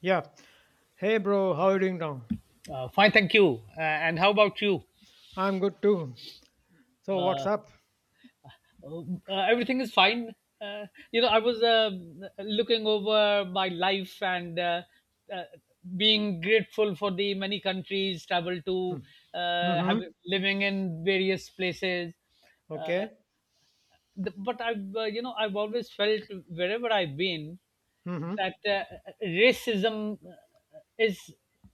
Yeah. Hey, bro, how you doing now? Fine, thank you. And how about you? I'm good too. So, what's Uh, up? Everything is fine. Uh, I was looking over my life, and uh, being grateful for the many countries traveled to, Hmm. Have Mm-hmm. living in various places. Uh, Okay. But I've, I've always felt wherever I've been Mm-hmm. that racism is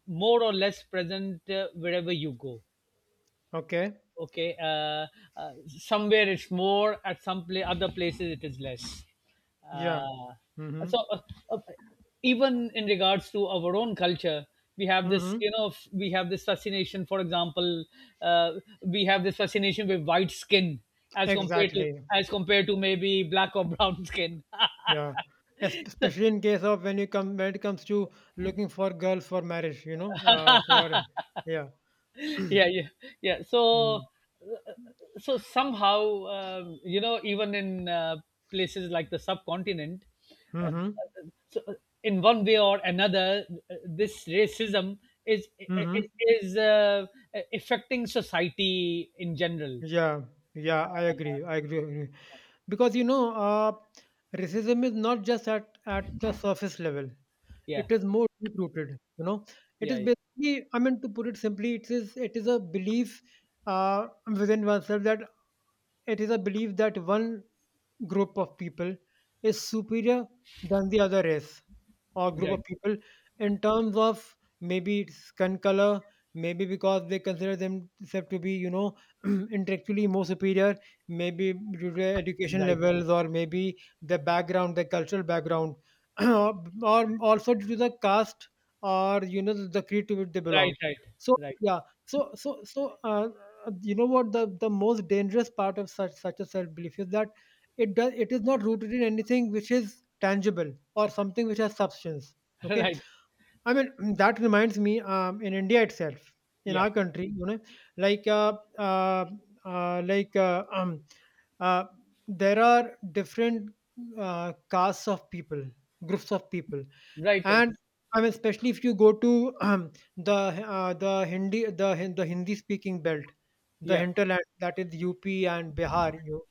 more or less present wherever you go. Okay. Okay. Somewhere it's more, at other places it is less. Yeah. uh, Mm-hmm. so, uh, even in regards to our own culture, we have this, Mm-hmm. We have this fascination, for example. uh, we have this fascination with white skin as compared to, Exactly. Maybe black or brown skin. Yeah. Especially in case of when you come when it comes to looking for girls for marriage, for yeah. Yeah, yeah, yeah. So, Mm-hmm. So somehow, even in places like the subcontinent. uh, Mm-hmm. so uh, in one way or another, this racism is is, Mm-hmm. is uh, affecting society in general. Yeah, yeah, I agree. I agree. Agree. Because racism is not just at the surface level; Yeah, it is more deep rooted. You know, it yeah, is yeah. basically. I mean, to put it simply, it is a belief uh, within oneself that it is a belief that one group of people is superior than the other race or group Right, of people in terms of maybe it's skin color, maybe because they consider themselves to be, you know, intellectually more superior, maybe due to their education right, levels or maybe the background, the cultural background, or or also due to the caste or the creed to which they right, belong. right, So right. yeah, so you know what the most dangerous part of such a self belief is that it is not rooted in anything which is tangible or something which has substance. Okay. Right. I mean, that reminds me, in India itself, in Yeah. our country, you know, like, uh, uh, uh, like, uh, um, uh, there are different castes of people, groups of people, Right, right. and I mean, especially if you go to the the Hindi speaking belt, the Yeah. hinterland, that is UP and Bihar, you,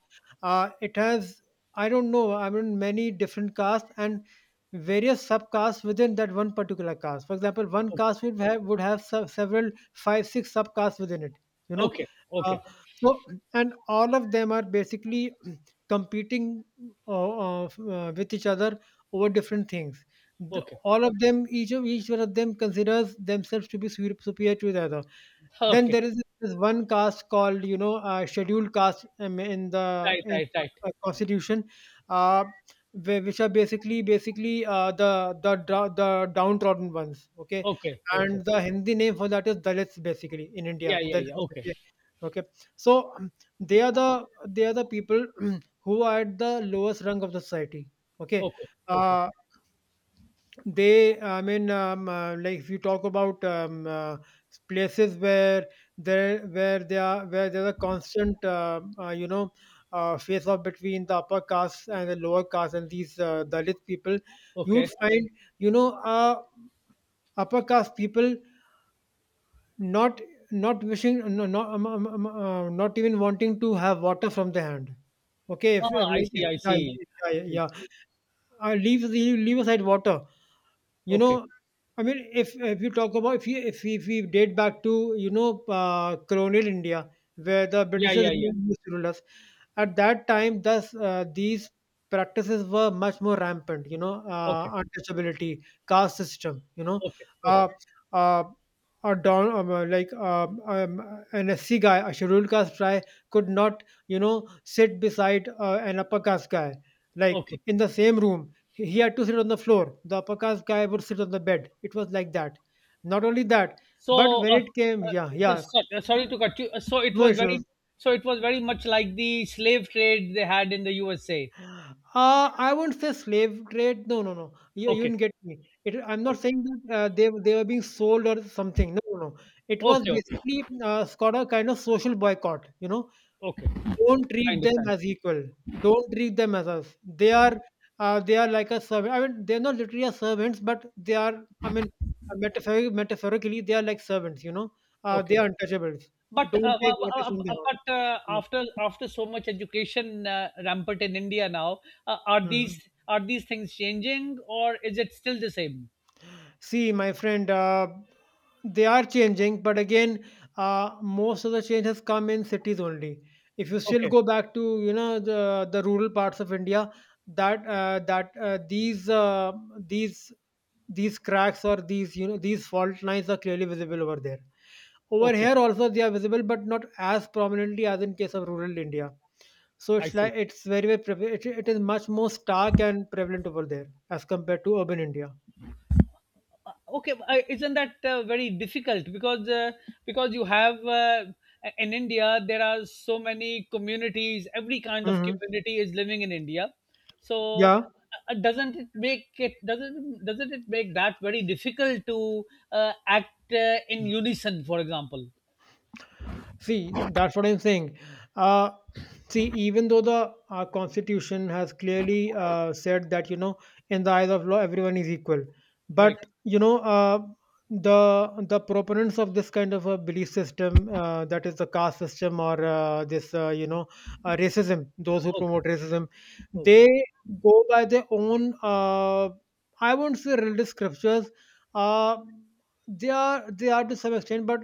uh, it has I don't know, I mean, many different castes, and various subcasts within that one particular caste. For example, one Okay, caste would have several five six subcasts within it. You know, okay, uh, okay, so and all of them are basically competing with each other over different things. Okay, All of them, each one of them considers themselves to be superior to the other. Then okay. there is this one caste called, you know, scheduled caste Right, in right, right. the constitution, uh, which are basically the the downtrodden ones. Okay, Okay, okay. and the Hindi name for that is Dalits, basically in Yeah, India, yeah, yeah. Dalits. Okay. Okay, okay. So they are the people who are at the lowest rung of the society. Okay, Okay, okay, uh, I mean, like if you talk about places where there, where they are, where there's a constant, you know, face off between the upper caste and the lower caste and these Dalit people, you okay. would find, you know, upper caste people not no, not even wanting to have water from the hand. Okay, if Ah, I like see, if, I yeah, see, yeah, yeah. I yeah. see. Leave leave aside water. You Okay. know, I mean, if you talk about if you if we date back to you know colonial India, where the Yeah, Britishers yeah, yeah. really used to rule us, at that time, thus these practices were much more rampant. You know, Okay, untouchability, caste system. You know, okay, uh, okay, uh, a don like an SC guy, a scheduled caste guy, could not you know sit beside an upper caste guy. okay. Like in the same room, he had to sit on the floor. The upper caste guy would sit on the bed. It was like that. Not only that, but So, when it came, yeah, yeah, sorry to cut you. No issues. So it was very much like the slave trade they had in the USA. I won't say slave trade. No, no, no. You Okay, didn't get me. I'm not okay, saying that they were being sold or something. No, no, no. It was okay, okay, basically got a kind of social boycott. You know, okay. don't I treat them understand. as equal. Don't treat them as us. They are like a servant. I mean, they're not literally as servants, but they are. I mean, metaphorically, they are like servants. You know, they Okay, are untouchables. but Don't take what is in their hand. after so much education rampant in India now, are Hmm, hmm, these, hmm. Things changing, or is it still the same? See, my friend, they are changing, but again, most of the change has come in cities only. If you still Okay. go back to the rural parts of India, that that these these cracks or these you know these fault lines are clearly visible over there. Over Okay, here also they are visible, but not as prominently as in case of rural India. So I it's see. like it's it is much more stark and prevalent over there as compared to urban India. Okay, isn't that very difficult, because you have, in India there are so many communities. Every kind of Hmm. community is living in India. So, Yeah. Doesn't it make that very difficult to act in unison? For example, See, that's what I'm saying. Uh, see, even though the Constitution has clearly said that, you know, in the eyes of law, everyone is equal. right? But, you know, the proponents of this kind of a belief system, that is the caste system or this, you know, racism, those who Okay, promote racism, okay. they go by their own, I won't say religious scriptures, uh, they are to some extent, but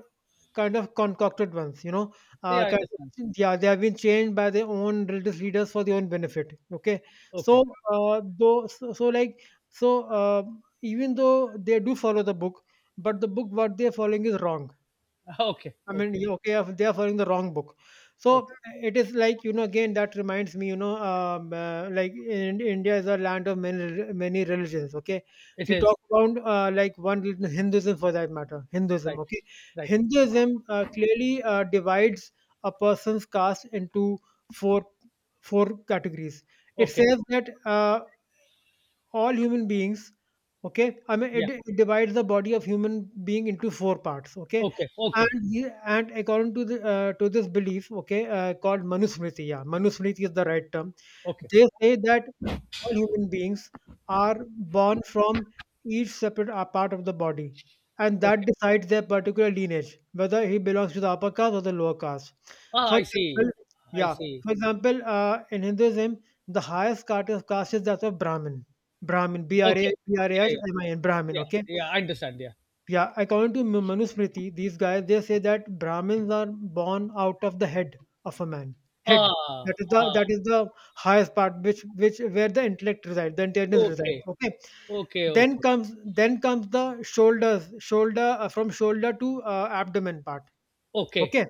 kind of concocted ones, you know. Yeah, I Kind understand. of, yeah, they have been changed by their own religious leaders for their own benefit. Okay, Okay, so though, so, so like so, even though they do follow the book, but the book what they are following is wrong. okay, I mean, okay, yeah, okay, they are following the wrong book. So okay. it is like you know again that reminds me you know India is a land of many religions. Okay, if It you is, talk about like one religion, Hinduism for that matter, Hinduism. right, Okay, right. Hinduism clearly divides a person's caste into four four categories. It Okay, says that all human beings okay I mean yeah. It divides the body of human being into four parts okay Okay, okay. and and according to the to this belief okay called manusmriti yeah manusmriti is the right term. Okay, They say that all human beings are born from each separate part of the body, and that okay. decides their particular lineage, whether he belongs to the upper caste or the lower caste. Ah, For I see. example, I yeah, see. for example, in Hinduism, the highest caste is that of Brahmin. Brahmin, B R A Okay. B R A Yeah, H yeah, M I N, Brahmin, okay? yeah, yeah. I understand. Yeah. Yeah, according to Manusmriti, these guys they say that Brahmins are born out of the head of a man. Head. Ah, That is ah. the highest part which where the intellect resides, the intelligence resides. Okay, Okay. okay, okay, Then comes the shoulders, shoulder from shoulder to abdomen part. okay. Okay.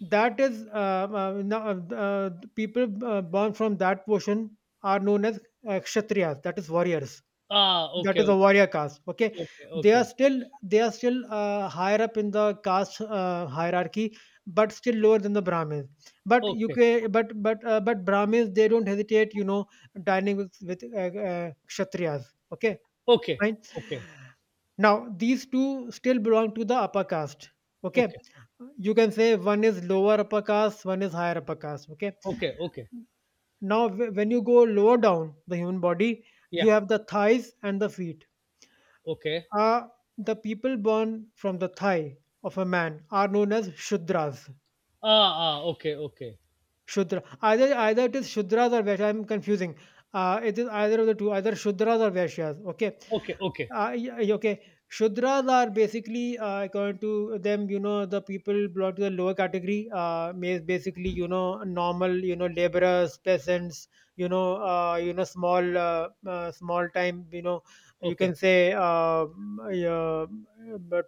That is people born from that portion are known as kshatriyas. That is warriors. Ah, That okay, is a okay, warrior caste. Okay, okay, they are okay, still higher up in the caste hierarchy, but still lower than the Brahmins. But you okay, UK, but Brahmins they don't hesitate, you know, dining with Kshatriyas. Okay, okay, fine. okay, Now these two still belong to the upper caste. Okay, okay, you can say one is lower upper caste, one is higher upper caste. Okay, okay, okay. now when you go lower down the human body, you Yeah. have the thighs and the feet Okay. uh, the people born from the thigh of a man are known as Shudras. Ah, ah. Okay, okay, Shudra. Either either it is Shudras or Vaishyas. I'm confusing. It is either of the two, either Shudras or Vaishyas. Okay okay, okay, okay shudras are basically according to them you know the people belong to the lower category is basically you know normal you know laborers peasants you know small small time you know you can say uh,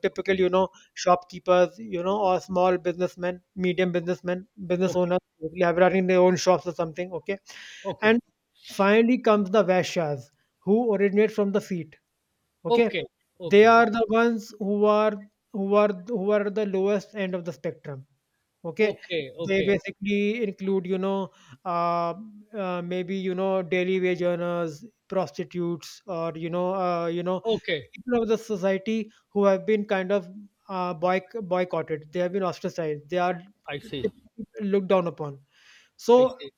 typical you know shopkeepers you know or small businessmen medium businessmen okay, business okay, owners basically have running their own shops or something okay okay, and finally comes the vaishyas who originate from the feet. Okay? okay, They okay, are the ones who are who are the lowest end of the spectrum. Okay? okay, They okay, basically include, you know, uh, maybe you know daily wage earners, prostitutes, or you know, okay. people of the society who have been kind of boycotted. They have been ostracized. They are I t- see. Looked down upon so I uh, see.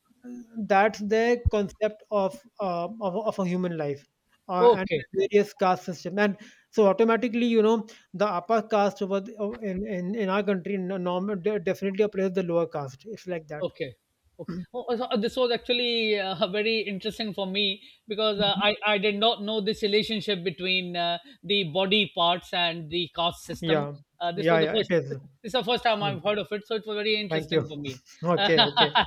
that's the concept of of a human life and Okay. various caste system and so automatically you know the upper caste over in our country definitely oppresses the lower caste it's like that. Okay. Okay. Oh, oh, so this was actually very interesting for me, because Mhm. I did not know this relationship between the body parts and the caste system. Yeah This yeah was the yeah first. it is. This is the first time Mm. I've heard of it, so it was very Thank you. interesting for me. Okay okay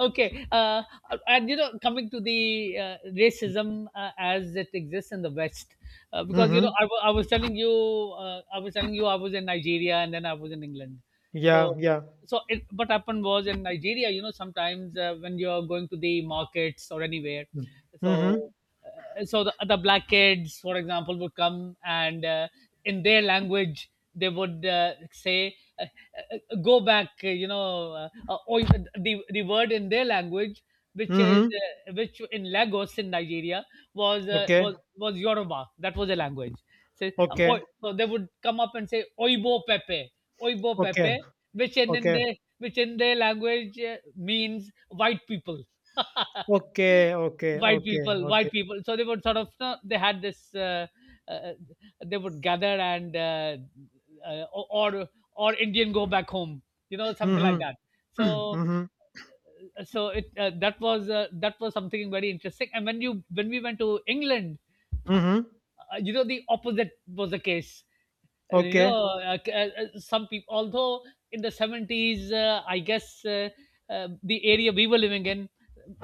Okay. And you know, coming to the racism as it exists in the West. Because you mm-hmm. know, I, wa- I was telling you. I was in Nigeria, and then I was in England. Yeah So, yeah what happened was, in Nigeria, you know, sometimes when you're going to the markets or anywhere. mm-hmm. So, the black kids, for example, would come and, in their language, they would say, "Go back," or even the word in their language, which is, Mm-hmm. Which in Lagos in Nigeria was uh, Okay was was Yoruba. That was a language. So, okay so they would come up and say, "Oibo Pepe." Oibo okay Pepe, which in okay their which in their language means white people. okay okay White okay people, okay white people. So they would sort of, no, they had this. Uh, they would gather and, or Indian, go back home. You know, something like mm-hmm. that. So, Mm-hmm. so it that was something very interesting. And when we went to England, Mhm. You know the opposite was the case, you know. Okay. Some people, although in the 70s, I guess, the area we were living in,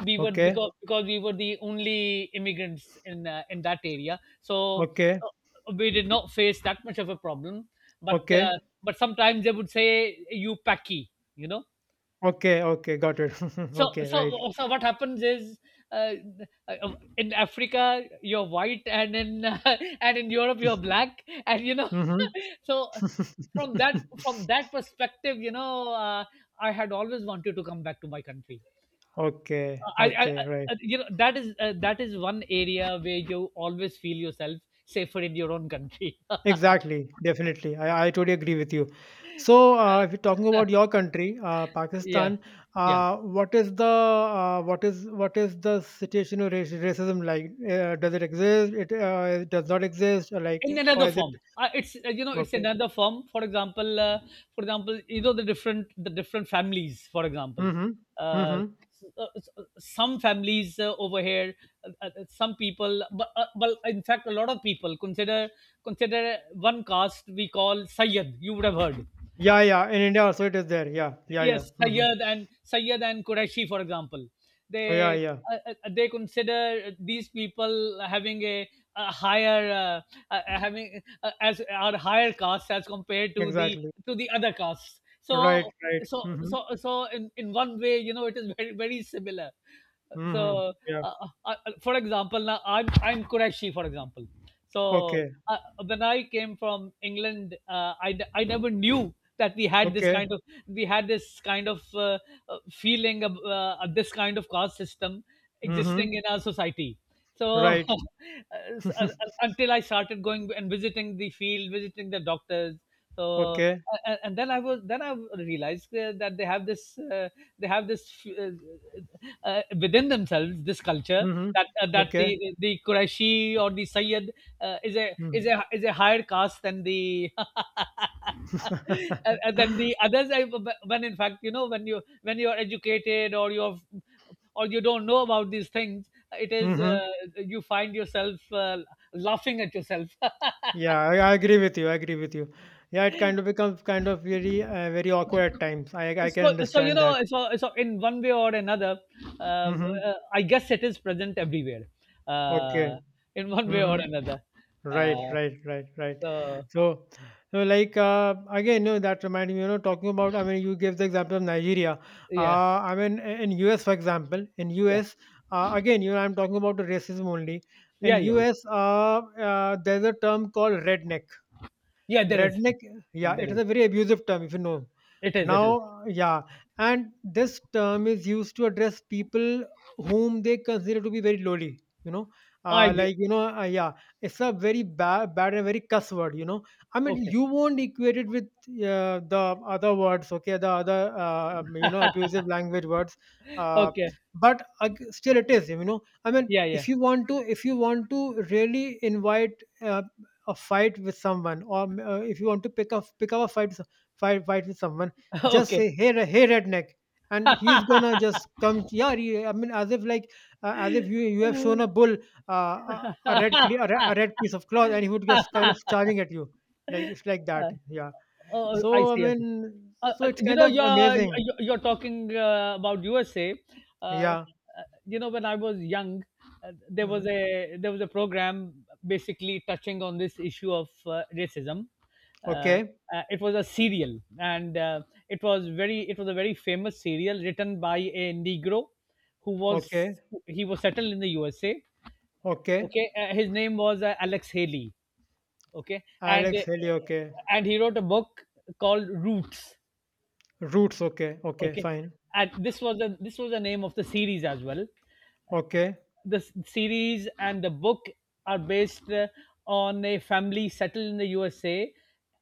we were, Okay. because we were the only immigrants in that area, so Okay. uh, we did not face that much of a problem. But Okay. Sometimes they would say, "You packy," you know. Okay. Okay. Got it. So, Okay. Right. What happens is, uh, uh, in Africa you're white, and in and in Europe you're black, and you know. Mhm. So, from that from that perspective, you know, I had always wanted to come back to my country. Okay. I Okay. Right. You know That is, that is one area where you always feel yourself safer in your own country. Exactly. Definitely. I totally agree with you. So, if you're talking about your country, Yeah, Pakistan, yeah. What is the situation of racism like? Does it exist? It does not exist. Or like, In or another is it? form, it's, it's Okay? another form. For example, you know, the different families, for example, Mm-hmm. uh, Mm-hmm. Some families over here, some people, but well, in fact, a lot of people consider, consider one caste we call sayyad, you would have heard. Yeah, yeah. In India also it is there. Yeah, yeah, Yes, yeah. Hmm. Sayyad, and Sayyad and Qureshi, for example, Oh, yeah, they, yeah, they consider these people having a higher, having, as are higher castes, as compared exactly. to the other castes. Right, So, right. Mm-hmm. So in one way, you know, it is very, very similar. Mm-hmm. So, Yeah. uh, uh, uh, for example, now I'm Qureshi, for example. So, Okay. uh, when I came from England, I never knew that Okay. We had this kind of, feeling of, of this kind of caste system Mm-hmm. existing in our society. So, Right. S- uh, until I started going and visiting the field, visiting the doctors. So, Okay. And then I was then I realized, that they have this, they have this uh, within themselves, this culture. Mm-hmm. That that the Okay. the Quraishi or the Sayyid, is Mm. A higher caste than the. And, then the others, I, when, in fact, you know, when you're educated, or you're, or you don't know about these things, it is, Mm-hmm. you find yourself, laughing at yourself. Yeah, I agree with you. I Agree with you. Yeah, it kind of becomes kind of very, very awkward at times. I can So, you understand that. know, so in one way or another, Mm-hmm. I guess it is present everywhere, Okay. uh, in one way Mm-hmm. or another. Right, uh, right, right, right. so. So, so like again, you know, that reminded me, you know, talking about. I mean, you gave the example of Nigeria. Yeah, I mean, in US, for example, in yeah, US, again, you know, I'm talking about the racism only. In yeah, yeah, yeah. US, there's a term called redneck. Yeah, Redneck, yeah, there it is is. a very abusive term if you know. It is it is. Now, yeah, and this term is used to address people whom they consider to be very lowly, you know. I agree. Like, you know, yeah, it's a very bad, bad and very cuss word, you know. I mean, Okay, you won't equate it with the other words, okay, the other, you know, abusive language words. Uh, okay. but still it is, you know. I mean, Yeah, if yeah. you want to if you want to really invite a fight with someone, or if you want to pick up a fight with someone, just Okay. say, "Hey hey redneck," and he's gonna just come. Yeah, I mean, as if like, as if you have shown a bull a red cle- a, re- a red piece of cloth, and he would just kind of charging at you, like, it's like that. Yeah. Oh, I So I see, I see. mean, so it's You kind know, of you're amazing. you're you're talking about USA. Uh, uh, Yeah. you know, when I was young, uh, there was Hmm. a there was a program basically touching on this issue of racism. Uh, Okay. It was a serial, and it was a very famous serial, written by a Negro who was Okay. he was settled in the USA. Okay. Okay, his name was Alex Haley. Okay, and Alex Haley. Okay. He wrote a book called Roots. Roots. Okay, okay, Okay, fine. and this was the name of the series as well. Okay. The series and the book are based, on a family settled in the USA,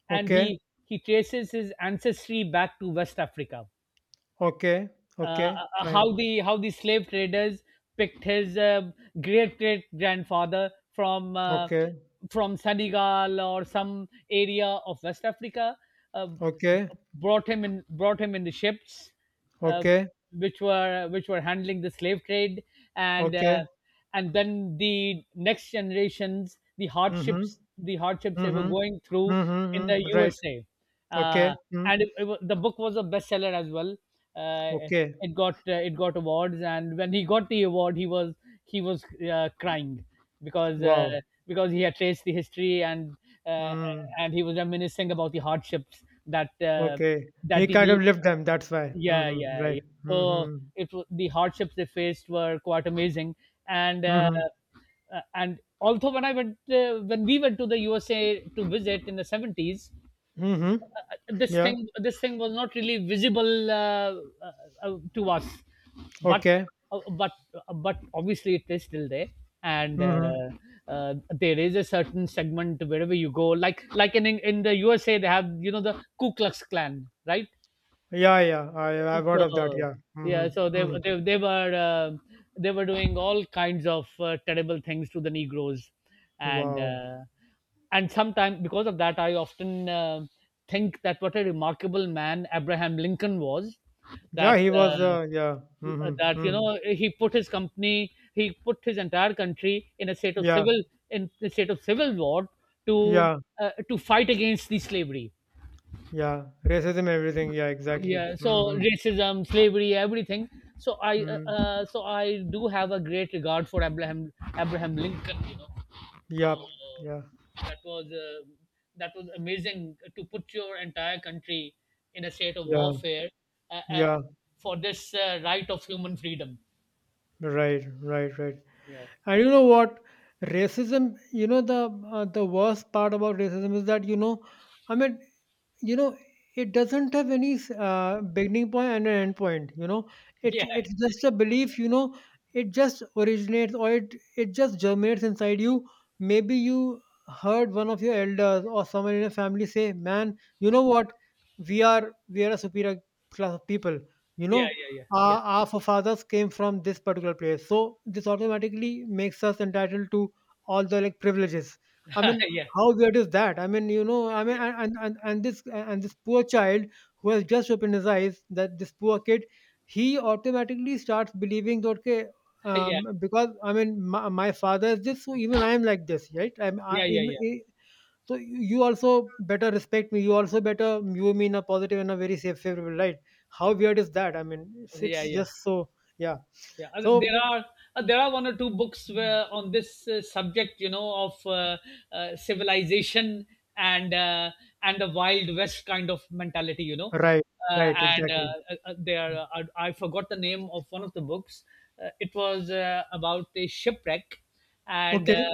and Okay. He traces his ancestry back to West Africa. Okay, uh, okay, how fine. the how the slave traders picked his, great great grandfather from, Okay, from Senegal or some area of West Africa, uh, okay, brought him in the ships, uh, okay, which were handling the slave trade, and okay. Then the next generations, Mm-hmm. The hardships they were Mm-hmm. going Mm-hmm. through in the Mm-hmm. Right. USA. Okay. Uh, Mm. and it, it, wa- The book was a bestseller as well. Uh, Okay. It got awards, and when he got the award, he was crying, because uh, Wow. because he had traced the history, and uh, Mm. He was reminiscing about the hardships that, Okay. that He the kind of ne- lived them, that's why. yeah, Mm-hmm. yeah, yeah. Right. so Mm-hmm. The hardships they faced were quite amazing, and Mm-hmm. Also, when we went to the USA to visit in the 70s. Mm-hmm. this Yeah. thing this thing was not really visible, to us. But Okay. Obviously, it is still there, and Mm-hmm. There is a certain segment wherever you go, like in the USA they have, you know, the Ku Klux Klan, right? Yeah, yeah. I I've heard of that, So, yeah. yeah, so Mm-hmm. Mm-hmm. They were doing all kinds of terrible things to the Negroes, and Wow. Sometimes, because of that, I often think that what a remarkable man Abraham Lincoln was, Yeah, that. he Uh, was yeah. Mm-hmm. that you Mm-hmm. know he put his entire country in a state of Yeah, civil war to yeah, to fight against the slavery. yeah. Racism, everything, yeah, exactly. Yeah, so Mm-hmm. racism, slavery, everything. So i uh, Mm. uh, so i do have a great regard for Abraham lincoln, you know. So Yeah, yeah, that was amazing to put your entire country in a state of yeah, warfare, uh, uh, yeah, for this right of human freedom. right, right, right. Yeah. And you know what? Racism, the worst part about racism is that, you know, I mean, you know, it doesn't have any beginning point and an end point, you know. it Yeah, it's just a belief, you know. It just originates, or it just germinates inside you. Maybe you heard one of your elders or someone in your family say, "Man, you know what, we are a superior class of people, you yeah, know. yeah, yeah, yeah. Our forefathers came from this particular place, so this automatically makes us entitled to all the, like, privileges." I Yeah, mean, yeah, how weird is that? I mean, you know, I mean, yeah, and this poor child who has just opened his eyes, that this poor kid, he automatically starts believing that, okay, yeah, yeah, because I mean, my father is this, so even I am like this, right? I'm, I, yeah, im- yeah, I- So you also better respect me. You also better view me in a positive and a very safe, favorable light. How weird is that? I mean, yeah, it's yeah, just so yeah. yeah. So There are there are one or two books where on this subject, you know, of civilization and uh, and the wild west kind of mentality, you know. right, right, And exactly. There are, I forgot the name of one of the books. It was about a shipwreck, and uh, Okay,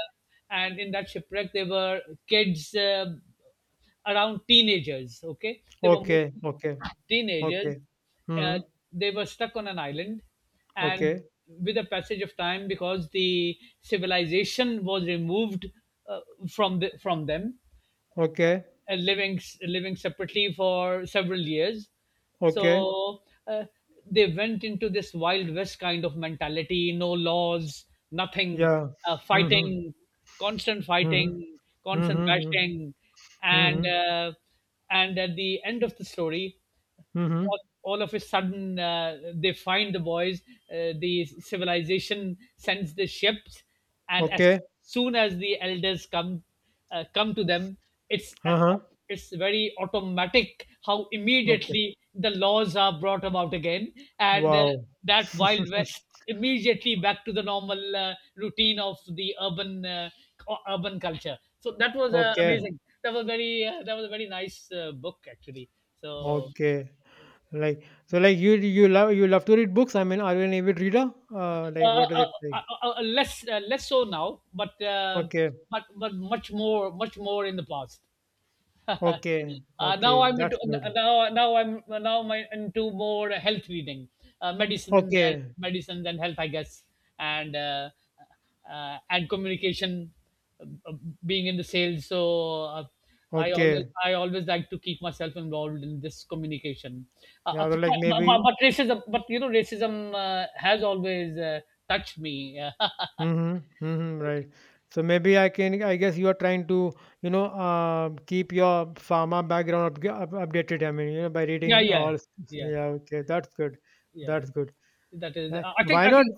and in that shipwreck there were kids, around teenagers. Okay, they were okay, mostly okay. teenagers. Okay. Uh, Mhm. they were stuck on an island, and Okay. with the passage of time, because the civilization was removed, uh, from from them, Okay. and living separately for several years. Okay. So they went into this wild west kind of mentality, no laws, nothing, Yeah. uh, Mhm. fighting, Mhm. fighting, constant Mhm. bashing, and Mhm. uh, and at the end of the story, Mhm. All of a sudden they find the boys. The civilization sends the ships, and as Okay. soon as the elders come, come to them, it's uh, Uh-huh. it's very automatic how Okay. immediately the laws are brought about again, and Wow. that wild west immediately back to the normal routine of the urban urban culture. So that was Okay. amazing. That was very that was a very nice book, actually. So. Okay. Like, so like, you love, you love to read books. I mean, are you an avid reader? Uh, Like, uh, what is it uh, like? Less less so now, but Okay. But much more in the past. Okay. Now Okay. I'm into, That's good. Now my into more health reading, uh, Okay. medicines and health, I guess, and uh, and communication, uh, being in the sales. So Okay. I always like to keep myself involved in this communication. Yeah, so like maybe. But racism, but you know, racism has always touched me. Mm-hmm. Mm-hmm. Right. So maybe I can. I guess you are trying to, you know, keep your pharma background updated. I mean, you know, by Yeah, reading yeah, all. S- yeah, Yeah. Okay. That's good. yeah. That's good. That is. I think. Why I not? think.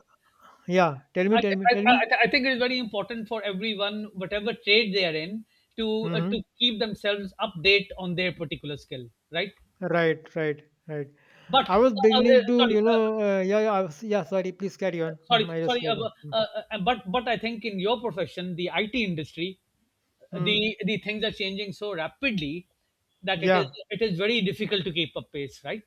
Yeah. Tell me. I, Tell me. Tell me. I think it is very important for everyone, whatever trade they are in, Mm-hmm. to keep themselves update on their particular skill, right? Right. Right. Right. But I was beginning to, sorry, you know, yeah, yeah. I was, yeah. Sorry. Please carry on. Sorry, Mhm, I just sorry, forgot. uh, but I think in your profession, the IT industry, Mm-hmm. The things are changing so rapidly that Yeah. it is very difficult to keep up pace, right?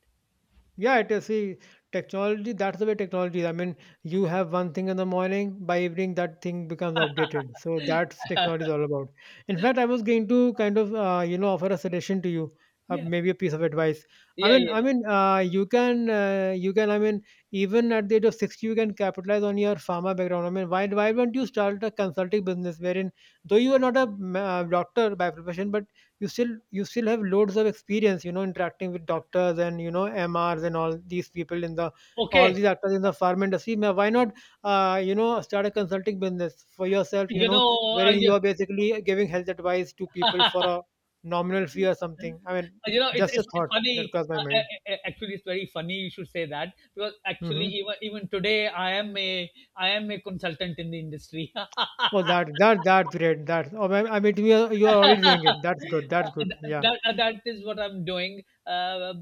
Yeah, it is. See, technology, that's the way technology is. I mean, you have one thing in the morning, by evening, that thing becomes outdated. So that's technology is all about. In fact, I was going to kind of, you know, offer a suggestion to you, Yeah, maybe a piece of advice. Yeah, yeah, I mean, yeah. You can, I mean, even at the age of 60, you can capitalize on your pharma background. I mean, why don't you start a consulting business wherein, though you are not a doctor by profession, but you still have loads of experience, you know, interacting with doctors and, you know, mrs and all these people in the all Okay, these actors in the farm industry. Why not, you know, start a consulting business for yourself, you you know, know, uh, wherein you you, are basically giving health advice to people for a nominal fee or something. I mean, You know, just a it's thought that funny. crossed my mind. Actually, it's very funny you should say that, because actually, Hmm. Even today, I am a consultant in the industry. Oh, that's great, that's, oh, I mean, you are already doing it. That's good, that's good, yeah. that, That is what I'm doing.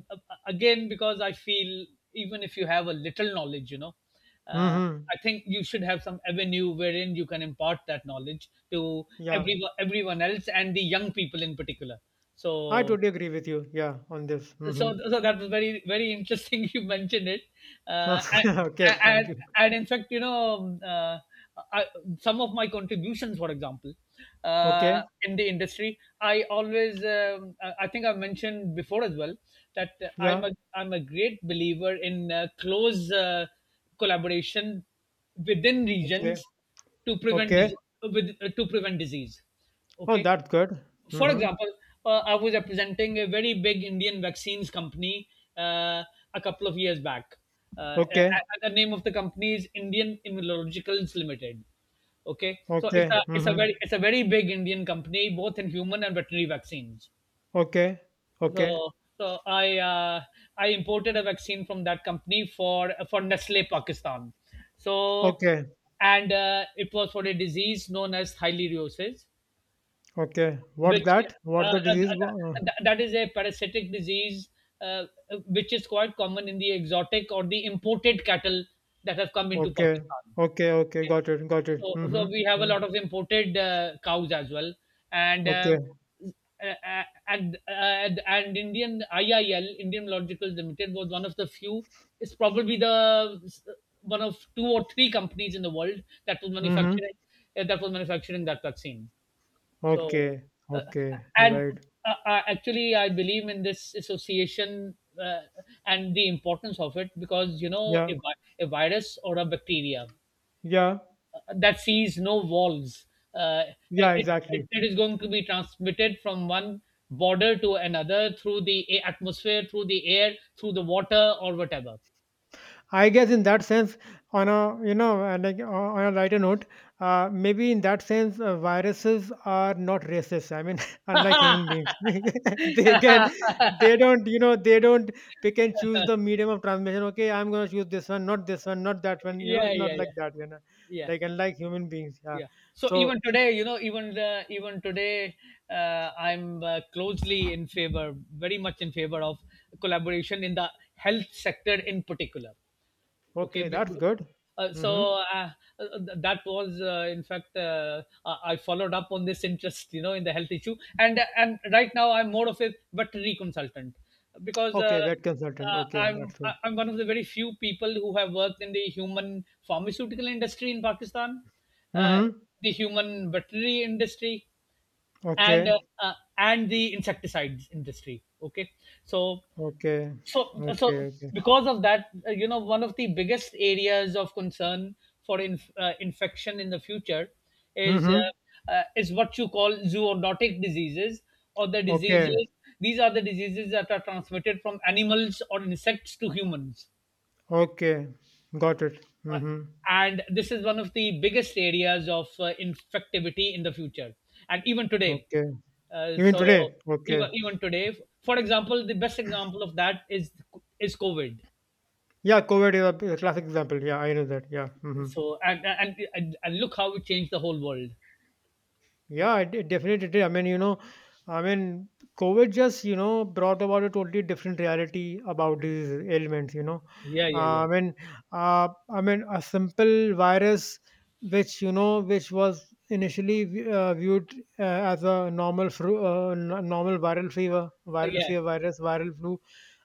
Again, because I feel, even if you have a little knowledge, you know, uh, Mm-hmm. I think you should have some avenue wherein you can impart that knowledge to Yeah, everyone else, and the young people in particular. I So totally agree with you, yeah, on this. so so that was very very interesting you mentioned it. uh, and, Mm-hmm. Okay, thank and, you. and in fact, you know, I, some of my contributions, for example, Okay. in the industry, I think I've mentioned before as well, that i'm Yeah. a I'm a great believer in close collaboration within regions Okay. to Okay. With, to prevent disease, Oh, okay. that's good. For Mm-hmm. example, I was representing a very big Indian vaccines company uh, a couple of years back. Okay. The name of the company is Indian Immunologicals Limited. Okay, so Okay. Mm-hmm. It's a very big Indian company, both in human and veterinary vaccines. Okay. Okay. So so I uh, I imported a vaccine from that company for Nestle Pakistan. So Okay. and it was for a disease known as thyleriosis, Okay. What which that? What the disease? That is a parasitic disease uh, which is quite common in the exotic or the imported cattle that have come into Okay. Pakistan. Okay. Okay. Okay. Got it. Got it. So, Mm-hmm. so we have a Mm. lot of imported cows as well, and uh, Okay. uh, uh, and uh, and Indian IIL Indian Logical Limited was one of the few. It's probably the one of two or three companies in the world that was Mm-hmm. manufacturing that vaccine. So, Okay. uh, Okay. and Right. Actually, I believe in this association uh, and the importance of it because, you know, Yeah. A virus or a bacteria Yeah. That sees no walls, uh, Yeah. Exactly. it is going to be transmitted from one border to another through the atmosphere, through the air, through the water, or whatever. I guess in that sense, on a, you know, like on a lighter note, maybe in that sense, viruses are not racist. I mean, unlike Yeah, human beings, they can, they don't, you know, they don't pick and choose the medium of transmission. Okay, I'm gonna choose this one, not that one. You know, yeah, it's not yeah, like that. You know, yeah. like unlike human beings, yeah. Yeah, so So even today, you know, even today I'm closely in favor, very much in favor of collaboration in the health sector in particular. Okay. okay, that's good. Uh, so Mm-hmm. uh, that was, in fact, I followed up on this interest, you know, in the health issue, and right now I'm more of a veterinary consultant, because Okay, vet consultant. uh, Okay, I'm that's good. I'm one of the very few people who have worked in the human pharmaceutical industry in Pakistan, uh, Mm-hmm. the human veterinary industry, and Okay. uh, uh, and the insecticides industry. Okay, so Okay. so Okay. so Okay. because of that, you know, one of the biggest areas of concern for infection in the future Mm-hmm. Is what you call zoonotic diseases, or the Okay. diseases these are the diseases that are transmitted from animals or insects to humans. Okay, got it. Uh, Mhm. and this is one of the biggest areas of infectivity in the future and even today. Okay. uh, Even so today? even Okay. Today, for example, the best example of that is covid. Yeah, COVID is a classic example. Yeah, I know that. Yeah. Mhm. So and look how it changed the whole world. Yeah, it definitely did. I mean, you know, I mean, COVID just, you know, brought about a totally different reality about these ailments, you know. Yeah, yeah, Uh, yeah, I mean, I mean, a simple virus, which, you know, which was initially viewed as a normal flu, normal viral yeah, fever virus, viral flu.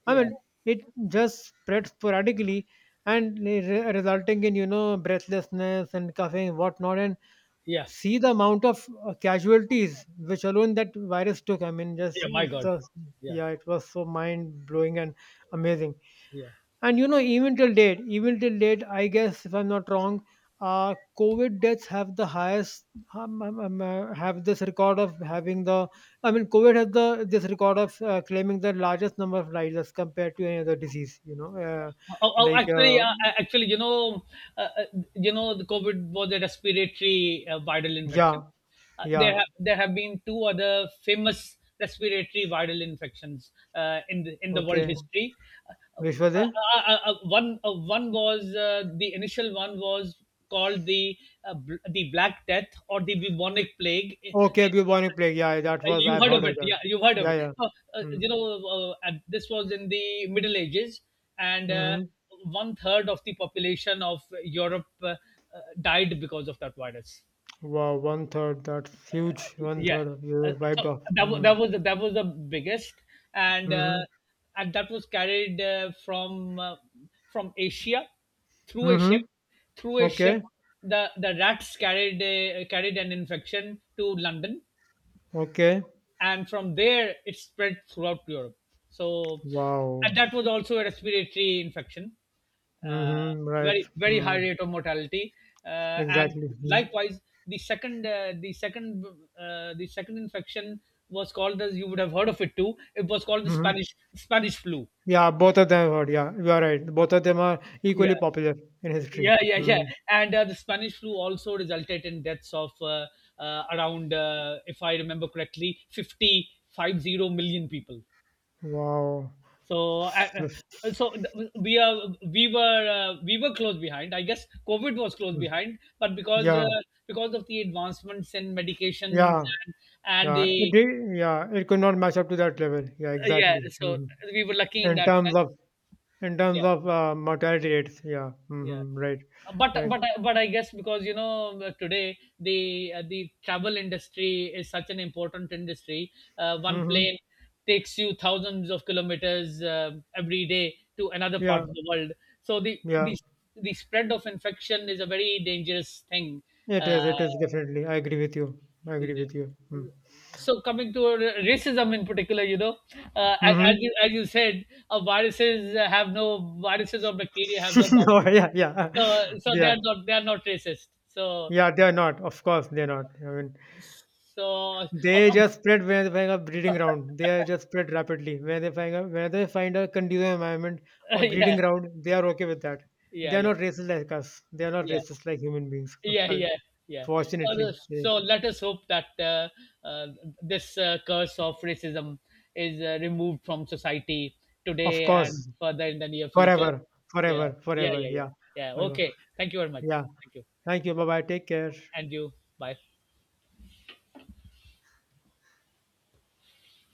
I yeah, mean, it just spread sporadically and resulting in, you know, breathlessness and coughing, and whatnot. And yeah, see the amount of casualties which alone that virus took. I mean, just yeah. My it's God, a, yeah, yeah, it was so mind blowing and amazing. yeah. And you know, even till date, I guess if I'm not wrong, COVID deaths have the highest have this record of having the. I mean, COVID has the this record of claiming the largest number of lives as compared to any other disease. You know, like uh, Actually, you know, uh, uh, the COVID was a respiratory viral infection. yeah, yeah, There have been two other famous respiratory viral infections in the world okay, history. Uh, uh, Vishwadev. One was the initial one was called the the Black Death, or the bubonic plague. Okay, bubonic plague. Yeah, that was, You've I've heard heard of of it, that. yeah. You've heard of Yeah, it. yeah. Mm. Hmm. And this was in the Middle Ages, and Mm-hmm. one third of the population of Europe died because of that virus. Wow, one third. That's huge. One Yeah, third of you so wiped off. Mm. That was the biggest, and Mm-hmm. uh, and that was carried from Asia through a ship Mm-hmm. through a ship. Okay. The rats carried carried an infection to London, Okay. and from there it spread throughout Europe. So, Wow. and that was also a respiratory infection, uh, Mm-hmm. Right. very very high Mm. rate of mortality, and Exactly. Mm. likewise the second uh, the second the second infection was called, as you would have heard of it too. It was called the Mm-hmm. Spanish flu. Yeah, both of them I've heard. Yeah, you are right. Both of them are Yeah, equally popular in history. yeah, yeah, yeah. Mm. And The Spanish flu also resulted in deaths of around, if I remember correctly, fifty million people. Wow. So, I- Yes. So we are we were close behind. I guess COVID was close Mm. behind, but Yeah. Because of the advancements in medications Yeah. and, and Yeah. It the did, yeah. It could not match up to that level. Yeah. yeah, Exactly. so Mhm. we were lucky in In that terms sense. of, in terms Yeah, of mortality rates, yeah, yeah. hmm, right, right, But I guess, because you know, today the travel industry is such an important industry. One hmm, plane takes you thousands of kilometers every day to another part yeah, of the world. So yeah. The spread of infection is a very dangerous thing. Uh, It is definitely. I agree with you. I agree with you. Mm. Coming to racism in particular, you know, Mm-hmm. As you said, viruses or bacteria have no No, boundaries. yeah, yeah, So they yeah, are not, they are not racist. So. yeah. They are not. Of course, they are not. I mean, So, ab- they ab- just spread when they find a breeding ground. They are just spread rapidly. When they find a, when they find a conducive environment or breeding yeah, ground, they are okay with that. They yeah, are yeah, not racist like us. They are not yeah, racist like human beings. yeah, yeah, yeah. So, Fortunately, yeah. so let us hope that uh, this curse of racism is removed from society Of today course. and further in the near future. Forever, Yeah, forever, yeah, forever. yeah, yeah, Yeah, yeah. forever. Okay. Thank you very Yeah. much. Thank you. Thank you. Bye bye. Take care. And you. Bye.